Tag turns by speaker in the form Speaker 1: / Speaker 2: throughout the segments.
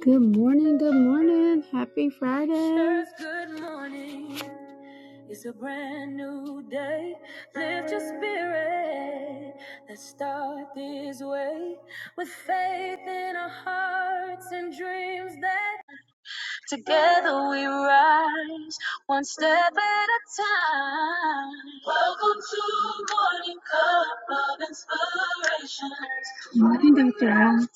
Speaker 1: Good morning, good morning. Happy Friday. Sure, good morning. Together we rise, one step at a time. Welcome to Morning Cup of Inspiration. Good morning, Dr. Al.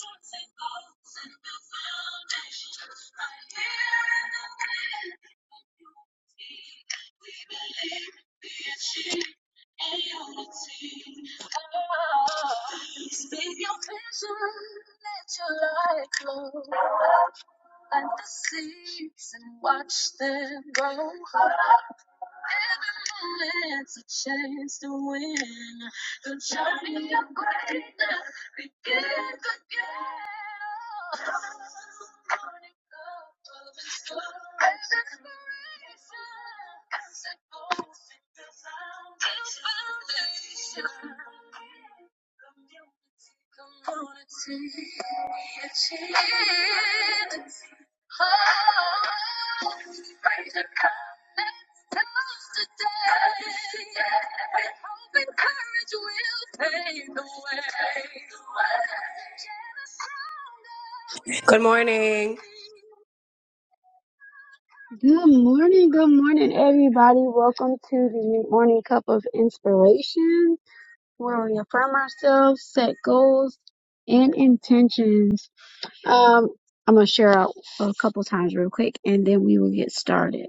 Speaker 2: Good morning.
Speaker 1: Good morning, good morning, everybody. Welcome to the Morning Cup of Inspiration. Where We affirm ourselves, set goals and intentions. Um, I'm gonna share out a couple times real quick, and then we will get started.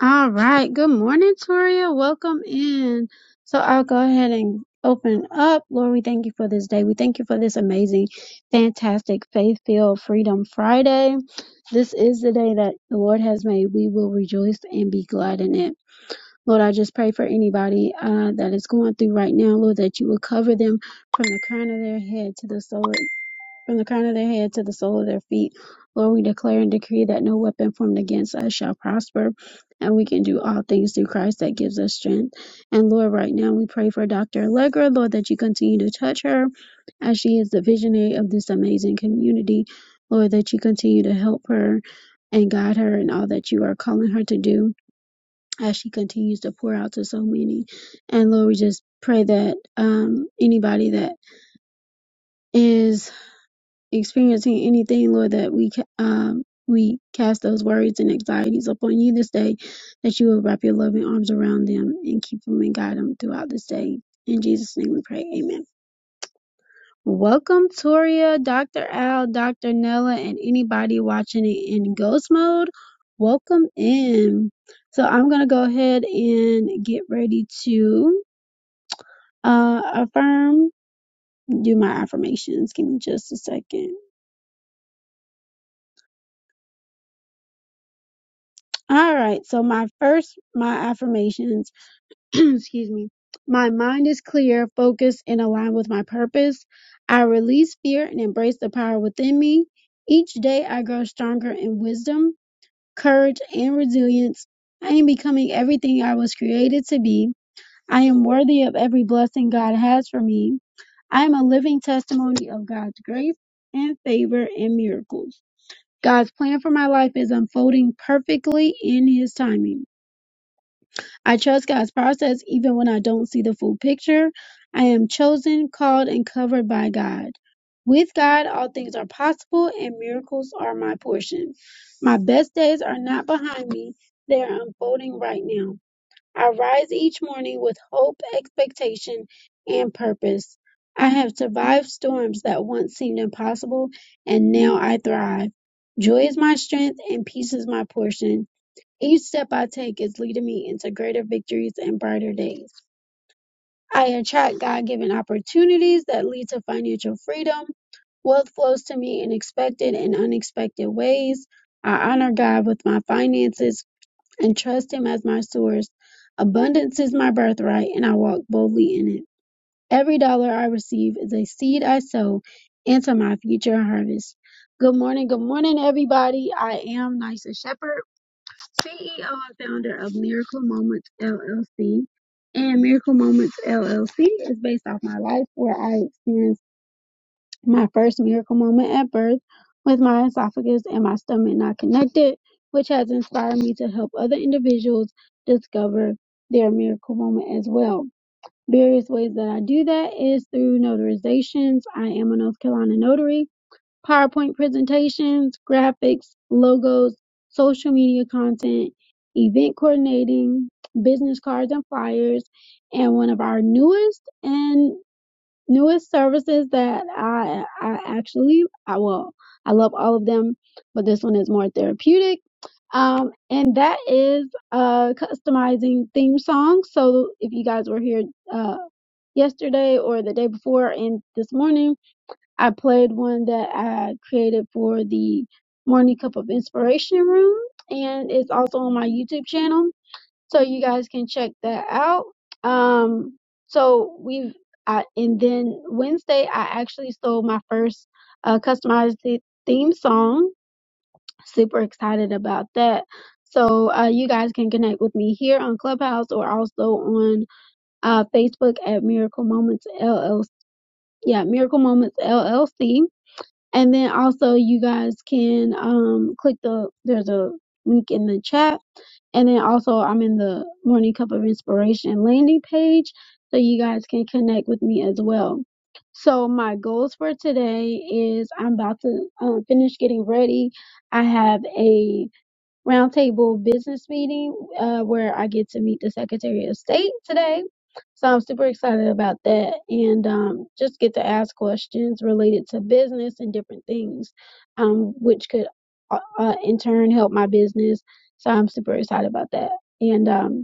Speaker 1: All right. Good morning, Toria. Welcome in. So I'll go ahead and open up. Lord, we thank you for this day. We thank you for this amazing, fantastic, faith-filled Freedom Friday. This is the day that the Lord has made. We will rejoice and be glad in it. Lord, I just pray for anybody uh, that is going through right now, Lord, that you will cover them from the crown of their head to the sole, from the crown of their head to the sole of their feet. Lord, we declare and decree that no weapon formed against us shall prosper, and we can do all things through Christ that gives us strength. And Lord, right now we pray for Dr. Allegra, Lord, that you continue to touch her as she is the visionary of this amazing community. Lord, that you continue to help her and guide her in all that you are calling her to do as she continues to pour out to so many. And Lord, we just pray that um, anybody that is experiencing anything, Lord, that we ca- um, we cast those worries and anxieties upon you this day, that you will wrap your loving arms around them and keep them and guide them throughout this day. In Jesus' name we pray. Amen. Welcome, Toria, Dr. Al, Dr. Nella, and anybody watching it in ghost mode. Welcome in. So I'm going to go ahead and get ready to Uh, affirm, do my affirmations. Give me just a second. All right. So my first, my affirmations, excuse me. My mind is clear, focused, and aligned with my purpose. I release fear and embrace the power within me. Each day I grow stronger in wisdom, courage, and resilience. I am becoming everything I was created to be. I am worthy of every blessing God has for me. I am a living testimony of God's grace and favor and miracles. God's plan for my life is unfolding perfectly in His timing. I trust God's process even when I don't see the full picture. I am chosen, called, and covered by God. With God, all things are possible and miracles are my portion. My best days are not behind me, they are unfolding right now. I rise each morning with hope, expectation, and purpose. I have survived storms that once seemed impossible, and now I thrive. Joy is my strength, and peace is my portion. Each step I take is leading me into greater victories and brighter days. I attract God given opportunities that lead to financial freedom. Wealth flows to me in expected and unexpected ways. I honor God with my finances, and trust him as my source. Abundance is my birthright, and I walk boldly in it. Every dollar I receive is a seed I sow into my future harvest. Good morning, good morning, everybody. I am Nysa Shepherd, CEO and founder of Miracle Moments LLC. And Miracle Moments LLC is based off my life where I experienced my first miracle moment at birth with my esophagus and my stomach not connected, which has inspired me to help other individuals discover their miracle moment as well. Various ways that I do that is through notarizations. I am a North Carolina notary, PowerPoint presentations, graphics, logos, social media content, event coordinating, business cards and flyers, and one of our newest and newest services that I I actually I well I love all of them, but this one is more therapeutic. Um, and that is uh customizing theme songs. So if you guys were here uh yesterday or the day before and this morning, I played one that I created for the Morning Cup of Inspiration Room, and it's also on my YouTube channel so you guys can check that out. Um, so we've I, and then Wednesday I actually sold my first uh, customized the- theme song. Super excited about that. So uh, you guys can connect with me here on Clubhouse or also on uh, Facebook at Miracle Moments LLC. Yeah, Miracle Moments LLC. And then also you guys can um, click the there's a link in the chat and then also, I'm in the Morning Cup of Inspiration landing page, so you guys can connect with me as well. So my goals for today is I'm about to um, finish getting ready. I have a roundtable business meeting uh, where I get to meet the Secretary of State today. So I'm super excited about that and um, just get to ask questions related to business and different things, um, which could uh, uh, in turn help my business. So I'm super excited about that. And um,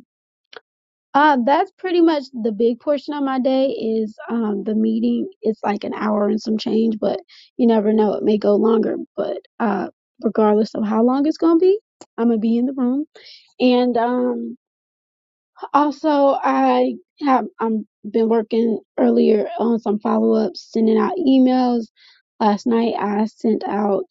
Speaker 1: uh, that's pretty much the big portion of my day is um the meeting. It's like an hour and some change, but you never know, it may go longer. But uh regardless of how long it's gonna be, I'm gonna be in the room. And um also I have I'm been working earlier on some follow ups, sending out emails. Last night I sent out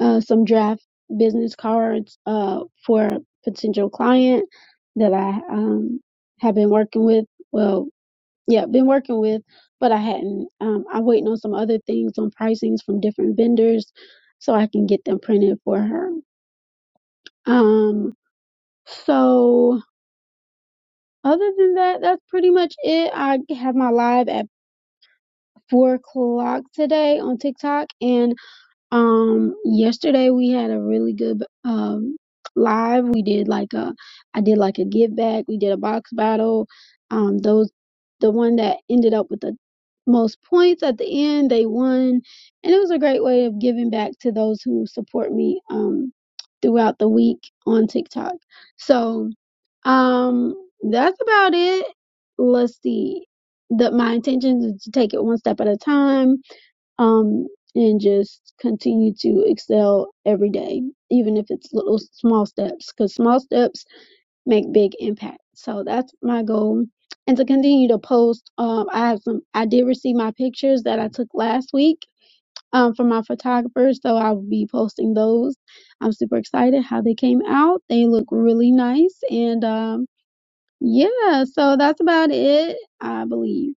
Speaker 1: uh, some draft business cards uh, for a potential client that I um, have been working with. Well, yeah, been working with, but I hadn't. Um, I'm waiting on some other things on pricings from different vendors so I can get them printed for her. Um, so other than that, that's pretty much it. I have my live at four o'clock today on TikTok and Um, yesterday we had a really good um live. We did like a, I did like a give back. We did a box battle. Um, those the one that ended up with the most points at the end, they won, and it was a great way of giving back to those who support me um throughout the week on TikTok. So um, that's about it. Let's see. The my intention is to take it one step at a time um, and just continue to excel every day, even if it's little small steps, because small steps make big impact. So that's my goal. And to continue to post, um, I have some, I did receive my pictures that I took last week um, from my photographer, so I will be posting those. I'm super excited how they came out. They look really nice. And um, yeah, so that's about it, I believe.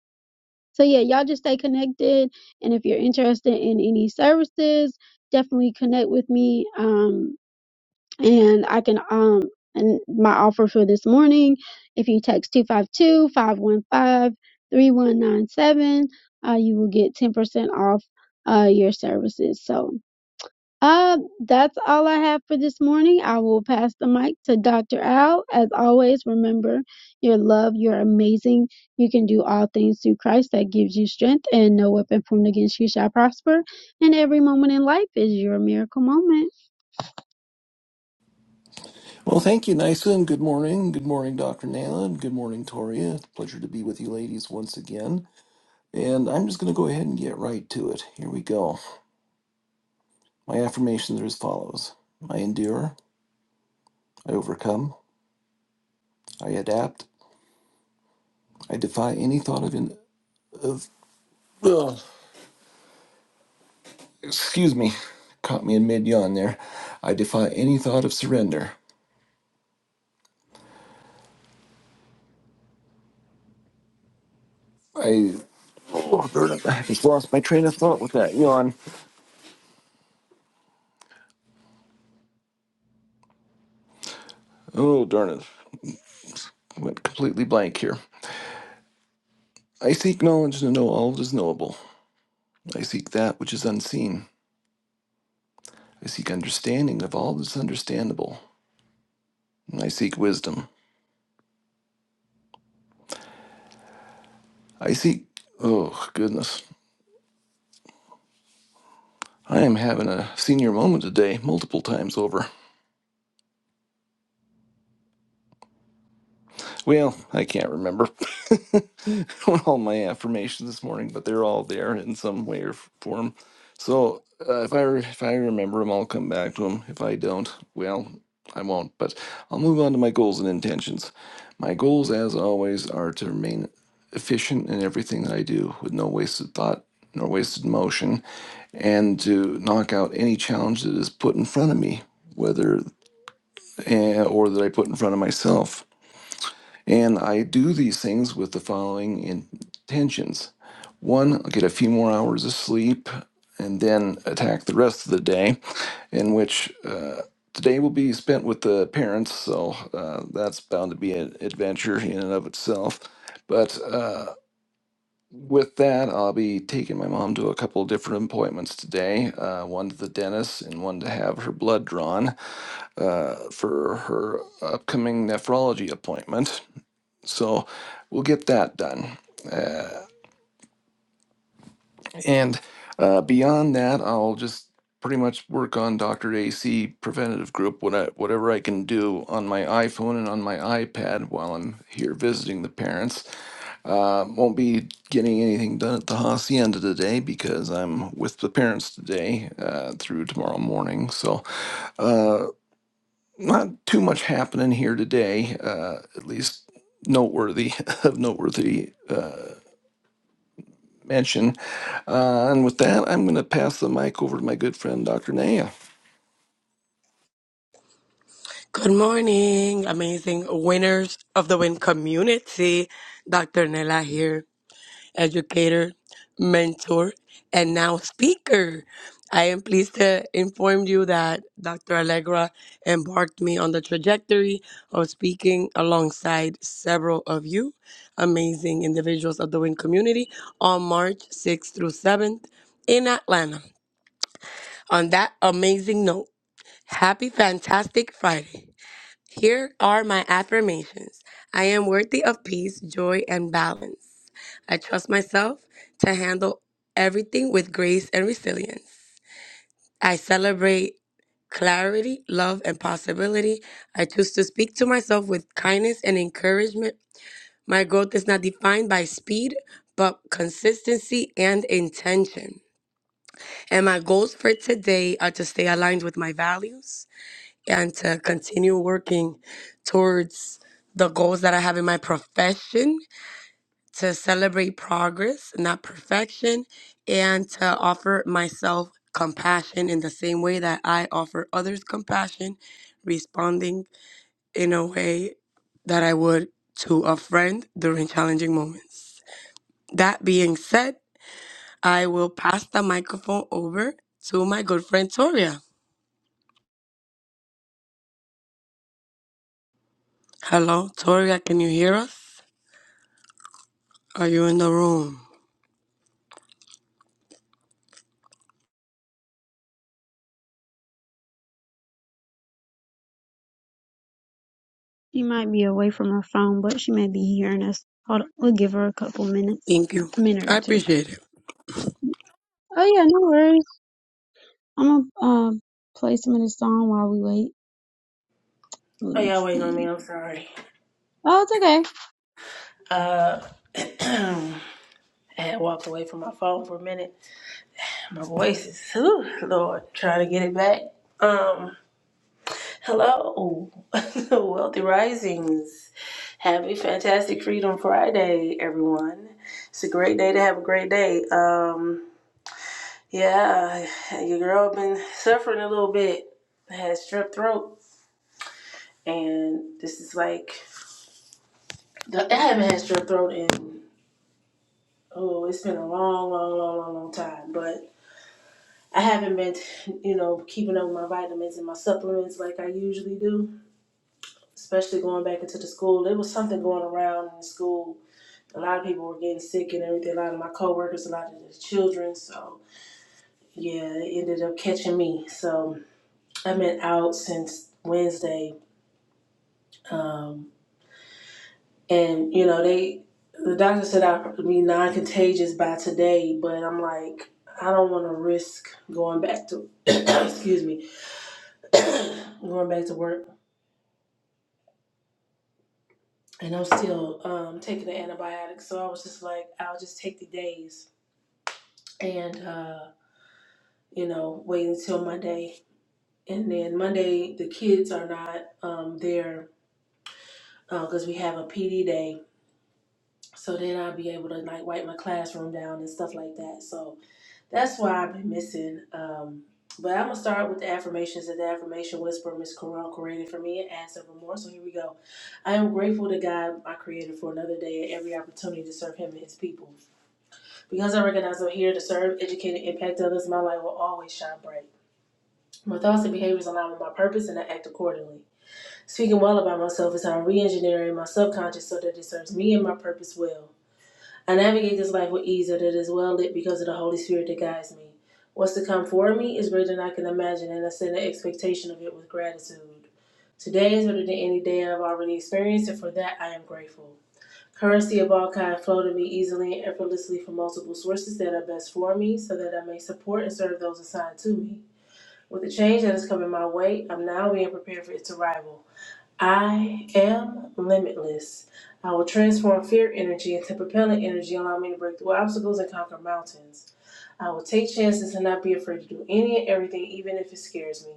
Speaker 1: So yeah, y'all just stay connected. And if you're interested in any services, definitely connect with me. Um, and I can um and my offer for this morning, if you text two five two five one five three one nine seven, uh, you will get 10% off uh your services. So uh, that's all I have for this morning. I will pass the mic to Dr. Al. As always, remember your love, you're amazing. You can do all things through Christ that gives you strength, and no weapon formed against you shall prosper. And every moment in life is your miracle moment.
Speaker 3: Well, thank you, Nysa, and good morning. Good morning, Dr. Nala, and good morning, Toria. It's a pleasure to be with you ladies once again. And I'm just going to go ahead and get right to it. Here we go. My affirmations are as follows I endure, I overcome, I adapt, I defy any thought of. In- of ugh, excuse me, caught me in mid yawn there. I defy any thought of surrender. I. Oh, darn it. I just lost my train of thought with that yawn. Oh, darn it. Went completely blank here. I seek knowledge to know all that is knowable. I seek that which is unseen. I seek understanding of all that is understandable. And I seek wisdom. I seek. Oh, goodness. I am having a senior moment today, multiple times over. Well, I can't remember all my affirmations this morning, but they're all there in some way or form. So uh, if I re- if I remember them, I'll come back to them. If I don't, well, I won't. But I'll move on to my goals and intentions. My goals, as always, are to remain efficient in everything that I do, with no wasted thought nor wasted motion, and to knock out any challenge that is put in front of me, whether eh, or that I put in front of myself. And I do these things with the following intentions. One, I'll get a few more hours of sleep and then attack the rest of the day, in which uh, today will be spent with the parents, so uh, that's bound to be an adventure in and of itself. But uh, with that, I'll be taking my mom to a couple of different appointments today uh, one to the dentist and one to have her blood drawn uh, for her upcoming nephrology appointment. So we'll get that done. Uh, and uh, beyond that, I'll just pretty much work on Dr. AC Preventative Group, what I, whatever I can do on my iPhone and on my iPad while I'm here visiting the parents. Uh, won't be getting anything done at the Hacienda today because I'm with the parents today uh, through tomorrow morning. So uh, not too much happening here today, uh, at least noteworthy of noteworthy uh, mention. Uh, and with that, I'm going to pass the mic over to my good friend, Dr. Naya.
Speaker 2: Good morning, amazing winners of the win community. Dr. Nella here, educator, mentor, and now speaker. I am pleased to inform you that Dr. Allegra embarked me on the trajectory of speaking alongside several of you, amazing individuals of the WIN community, on March 6th through 7th in Atlanta. On that amazing note, happy, fantastic Friday. Here are my affirmations I am worthy of peace, joy, and balance. I trust myself to handle everything with grace and resilience. I celebrate clarity, love, and possibility. I choose to speak to myself with kindness and encouragement. My growth is not defined by speed, but consistency and intention. And my goals for today are to stay aligned with my values and to continue working towards the goals that I have in my profession, to celebrate progress, not perfection, and to offer myself compassion in the same way that I offer others compassion, responding in a way that I would to a friend during challenging moments. That being said, I will pass the microphone over to my good friend Toria. Hello, Toria, can you hear us? Are you in the room?
Speaker 1: She might be away from her phone, but she may be hearing us. Hold on, we'll give her a couple minutes,
Speaker 2: Thank you.
Speaker 1: a minute or
Speaker 2: I
Speaker 1: two.
Speaker 2: appreciate it.
Speaker 1: Oh yeah, no worries. I'm gonna uh, play some of this song while we wait. Let
Speaker 4: Oh,
Speaker 1: me
Speaker 4: y'all waiting on me.
Speaker 1: see.
Speaker 4: I'm sorry.
Speaker 1: Oh, it's okay.
Speaker 4: Uh, I had walked away from my phone for a minute. My voice is, whew, Lord, trying to get it back. Um, hello, Wealthy Risings. Happy Fantastic Freedom Friday, everyone. It's a great day to have a great day. Um, yeah, your girl been suffering a little bit. I had strep throat, and this is like, I haven't had strep throat in oh, it's been a long, long, long, long, long time. But I haven't been, you know, keeping up with my vitamins and my supplements like I usually do, especially going back into the school. There was something going around in the school. A lot of people were getting sick and everything. A lot of my coworkers, a lot of the children. So, yeah, it ended up catching me. So, I've been out since Wednesday. Um, and you know they the doctor said i would be non-contagious by today but i'm like i don't want to risk going back to excuse me going back to work and i'm still um, taking the antibiotics so i was just like i'll just take the days and uh, you know wait until monday and then monday the kids are not um, there because we have a pd day so then i'll be able to like wipe my classroom down and stuff like that so That's why I've been missing. Um, but I'm gonna start with the affirmations that the affirmation whisper Miss Quran created for me and add several more. So here we go. I am grateful to God, my Creator, for another day and every opportunity to serve Him and His people. Because I recognize I'm here to serve, educate, and impact others, my light will always shine bright. My thoughts and behaviors align with my purpose, and I act accordingly. Speaking well about myself is how I'm re-engineering my subconscious so that it serves me and my purpose well. I navigate this life with ease that it is well lit because of the Holy Spirit that guides me. What's to come for me is greater than I can imagine, and I send the expectation of it with gratitude. Today is better than any day I've already experienced, and for that I am grateful. Currency of all kind flow to me easily and effortlessly from multiple sources that are best for me, so that I may support and serve those assigned to me. With the change that is coming my way, I'm now being prepared for its arrival. I am limitless. I will transform fear energy into propelling energy, allowing me to break through obstacles and conquer mountains. I will take chances and not be afraid to do any and everything, even if it scares me.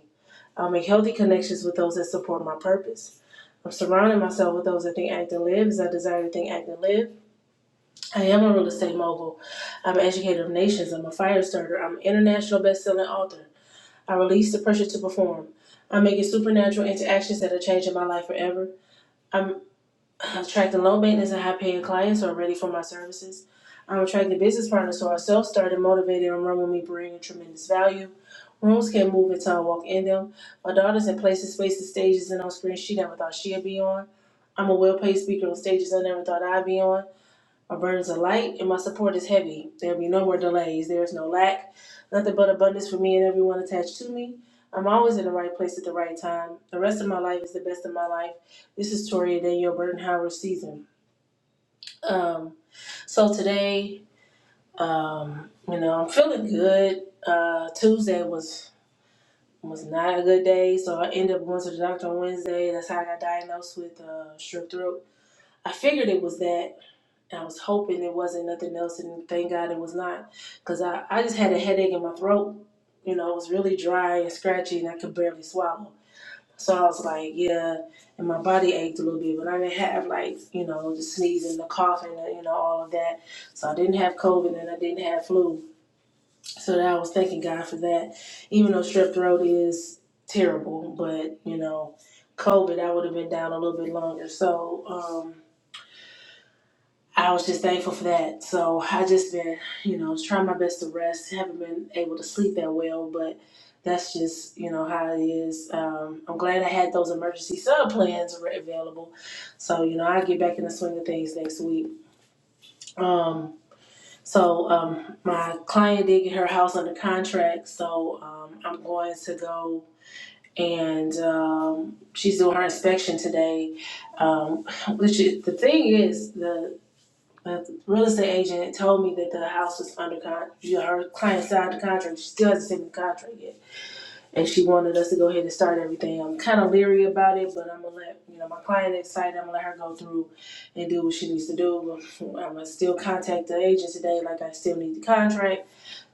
Speaker 4: I'll make healthy connections with those that support my purpose. I'm surrounding myself with those that think, act, and live as I desire to think, act, and live. I am a real estate mogul. I'm an educator of nations. I'm a fire starter. I'm an international best-selling author. I release the pressure to perform. I'm making supernatural interactions that are changing my life forever. I'm attracting low maintenance and high paying clients who are ready for my services. I'm attracting business partners who are self started, motivated, and run with me, bringing tremendous value. Rooms can't move until I walk in them. My daughter's in places, spaces, stages, and on screens she never thought she'd be on. I'm a well paid speaker on stages I never thought I'd be on. My burdens are light and my support is heavy. There'll be no more delays. There is no lack. Nothing but abundance for me and everyone attached to me. I'm always in the right place at the right time. The rest of my life is the best of my life. This is Toria Danielle Burton Howard season. Um, so today, um, you know, I'm feeling good. Uh, Tuesday was was not a good day, so I ended up going to the doctor on Wednesday. That's how I got diagnosed with uh, strep throat. I figured it was that, and I was hoping it wasn't nothing else, and thank God it was not, because I, I just had a headache in my throat. You know, it was really dry and scratchy, and I could barely swallow. So I was like, yeah, and my body ached a little bit, but I didn't have like, you know, the sneezing, the coughing, the, you know, all of that. So I didn't have COVID and I didn't have flu. So that I was thanking God for that. Even though strep throat is terrible, but you know, COVID, I would have been down a little bit longer. So, um, I was just thankful for that. So I just been, you know, trying my best to rest. Haven't been able to sleep that well, but that's just, you know, how it is. Um, I'm glad I had those emergency sub plans re- available. So, you know, I'll get back in the swing of things next week. Um, so um, my client did get her house under contract. So um, I'm going to go and um, she's doing her inspection today. Um, which is, the thing is, the. But the real estate agent told me that the house was under contract. Her client signed the contract. She still hasn't sent me the contract yet, and she wanted us to go ahead and start everything. I'm kind of leery about it, but I'm gonna let you know my client excited. I'm gonna let her go through and do what she needs to do. I'm gonna still contact the agent today, like I still need the contract,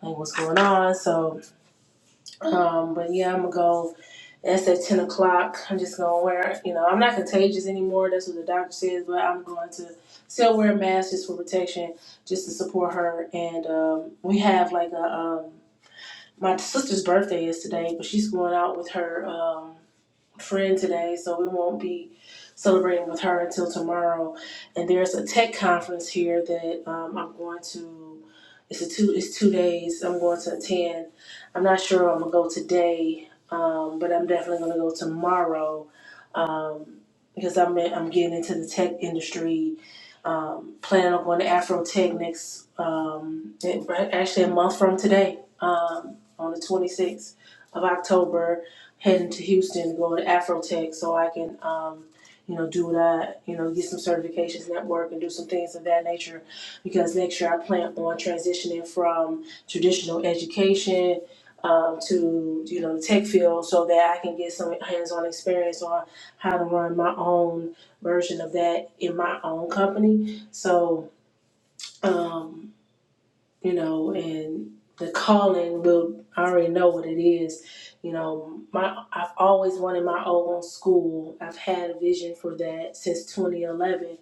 Speaker 4: like what's going on. So, um, but yeah, I'm gonna go that's at 10 o'clock. I'm just going to wear, you know, I'm not contagious anymore. That's what the doctor says, but I'm going to still wear a mask just for protection, just to support her. And um, we have like a, um, my sister's birthday is today, but she's going out with her. Um, friend today, so we won't be celebrating with her until tomorrow. And there's a tech conference here that um, I'm going to. It's a two. It's two days. I'm going to attend. I'm not sure I'm gonna go today, um, but I'm definitely gonna go tomorrow um, because I'm in- I'm getting into the tech industry. Um, planning on going to Afro Tech next. Um, it- actually, a month from today, um, on the 26th of October heading to Houston, going to Afrotech, so I can, um, you know, do that. you know, get some certifications, network, and do some things of that nature. Because next year I plan on transitioning from traditional education um, to, you know, the tech field, so that I can get some hands-on experience on how to run my own version of that in my own company. So. Um, you know, and the calling will I already know what it is. You know, my I've always wanted my own school. I've had a vision for that since 2011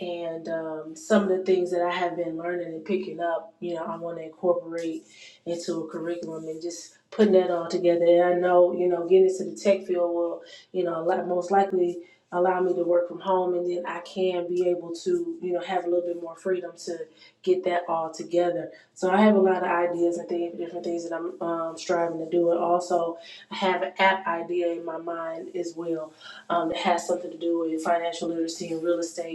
Speaker 4: and um, some of the things that I have been learning and picking up, you know, I want to incorporate into a curriculum and just putting that all together. And I know, you know, getting into the tech field will, you know, like most likely allow me to work from home, and then I can be able to, you know, have a little bit more freedom to get that all together. So I have a lot of ideas and things, different things that I'm um, striving to do, and also I have an app idea in my mind as well um, that has something to do with financial literacy and real estate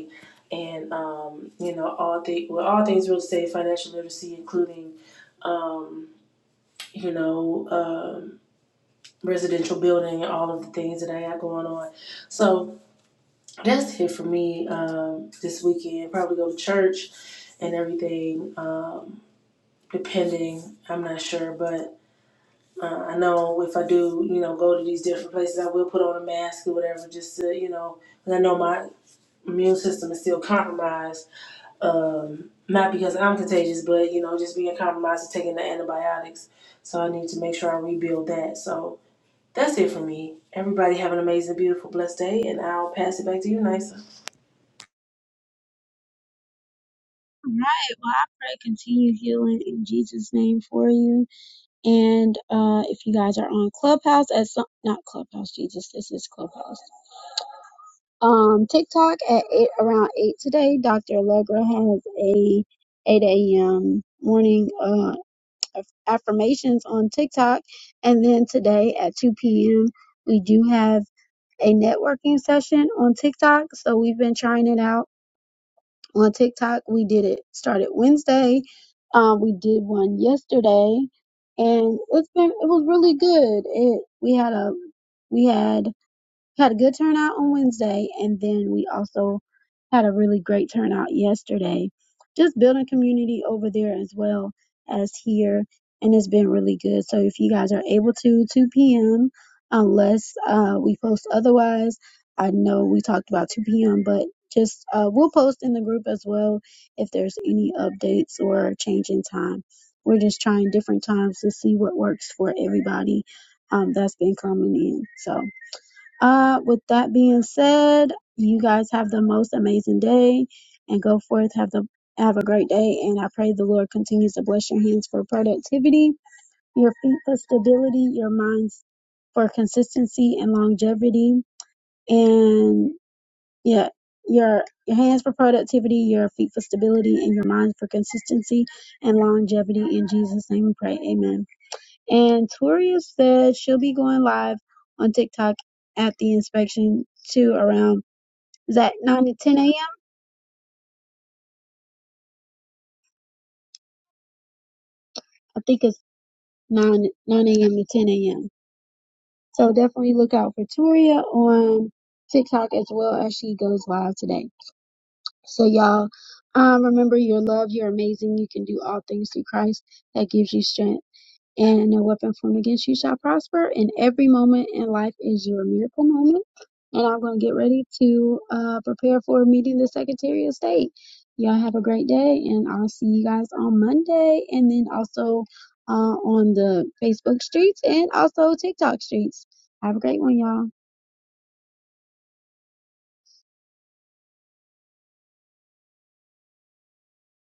Speaker 4: and um, you know all things well all things real estate financial literacy including um, you know um, residential building and all of the things that i got going on so that's it for me um, this weekend probably go to church and everything um, depending i'm not sure but uh, i know if i do you know go to these different places i will put on a mask or whatever just to you know 'cause i know my immune system is still compromised um, not because I'm contagious, but you know, just being compromised and taking the antibiotics. So I need to make sure I rebuild that. So that's it for me. Everybody have an amazing, beautiful, blessed day, and I'll pass it back to you, Nisa.
Speaker 1: All right. Well, I pray continue healing in Jesus' name for you. And uh, if you guys are on Clubhouse at some, not Clubhouse, Jesus, this is Clubhouse. Um, TikTok at eight around eight today. Dr. Allegra has a eight a.m. morning uh aff- affirmations on TikTok, and then today at two p.m. we do have a networking session on TikTok. So we've been trying it out on TikTok. We did it started Wednesday. Um, we did one yesterday, and it's been it was really good. It we had a we had had a good turnout on Wednesday, and then we also had a really great turnout yesterday. Just building community over there as well as here, and it's been really good. So if you guys are able to, 2 p.m. unless uh, we post otherwise. I know we talked about 2 p.m., but just uh, we'll post in the group as well if there's any updates or change in time. We're just trying different times to see what works for everybody um, that's been coming in. So. Uh, with that being said, you guys have the most amazing day and go forth. Have the have a great day. And I pray the Lord continues to bless your hands for productivity, your feet for stability, your minds for consistency and longevity. And yeah, your your hands for productivity, your feet for stability, and your minds for consistency and longevity. In Jesus' name we pray. Amen. And Toria said she'll be going live on TikTok at the inspection too around is that nine to ten AM? I think it's nine nine AM to ten AM. So definitely look out for Toria on TikTok as well as she goes live today. So y'all um, remember you're loved, you're amazing, you can do all things through Christ that gives you strength. and no weapon formed against you shall prosper. And every moment in life is your miracle moment. And I'm going to get ready to uh, prepare for meeting the Secretary of State. Y'all have a great day, and I'll see you guys on Monday, and then also uh, on the Facebook streets and also TikTok streets. Have a great one, y'all.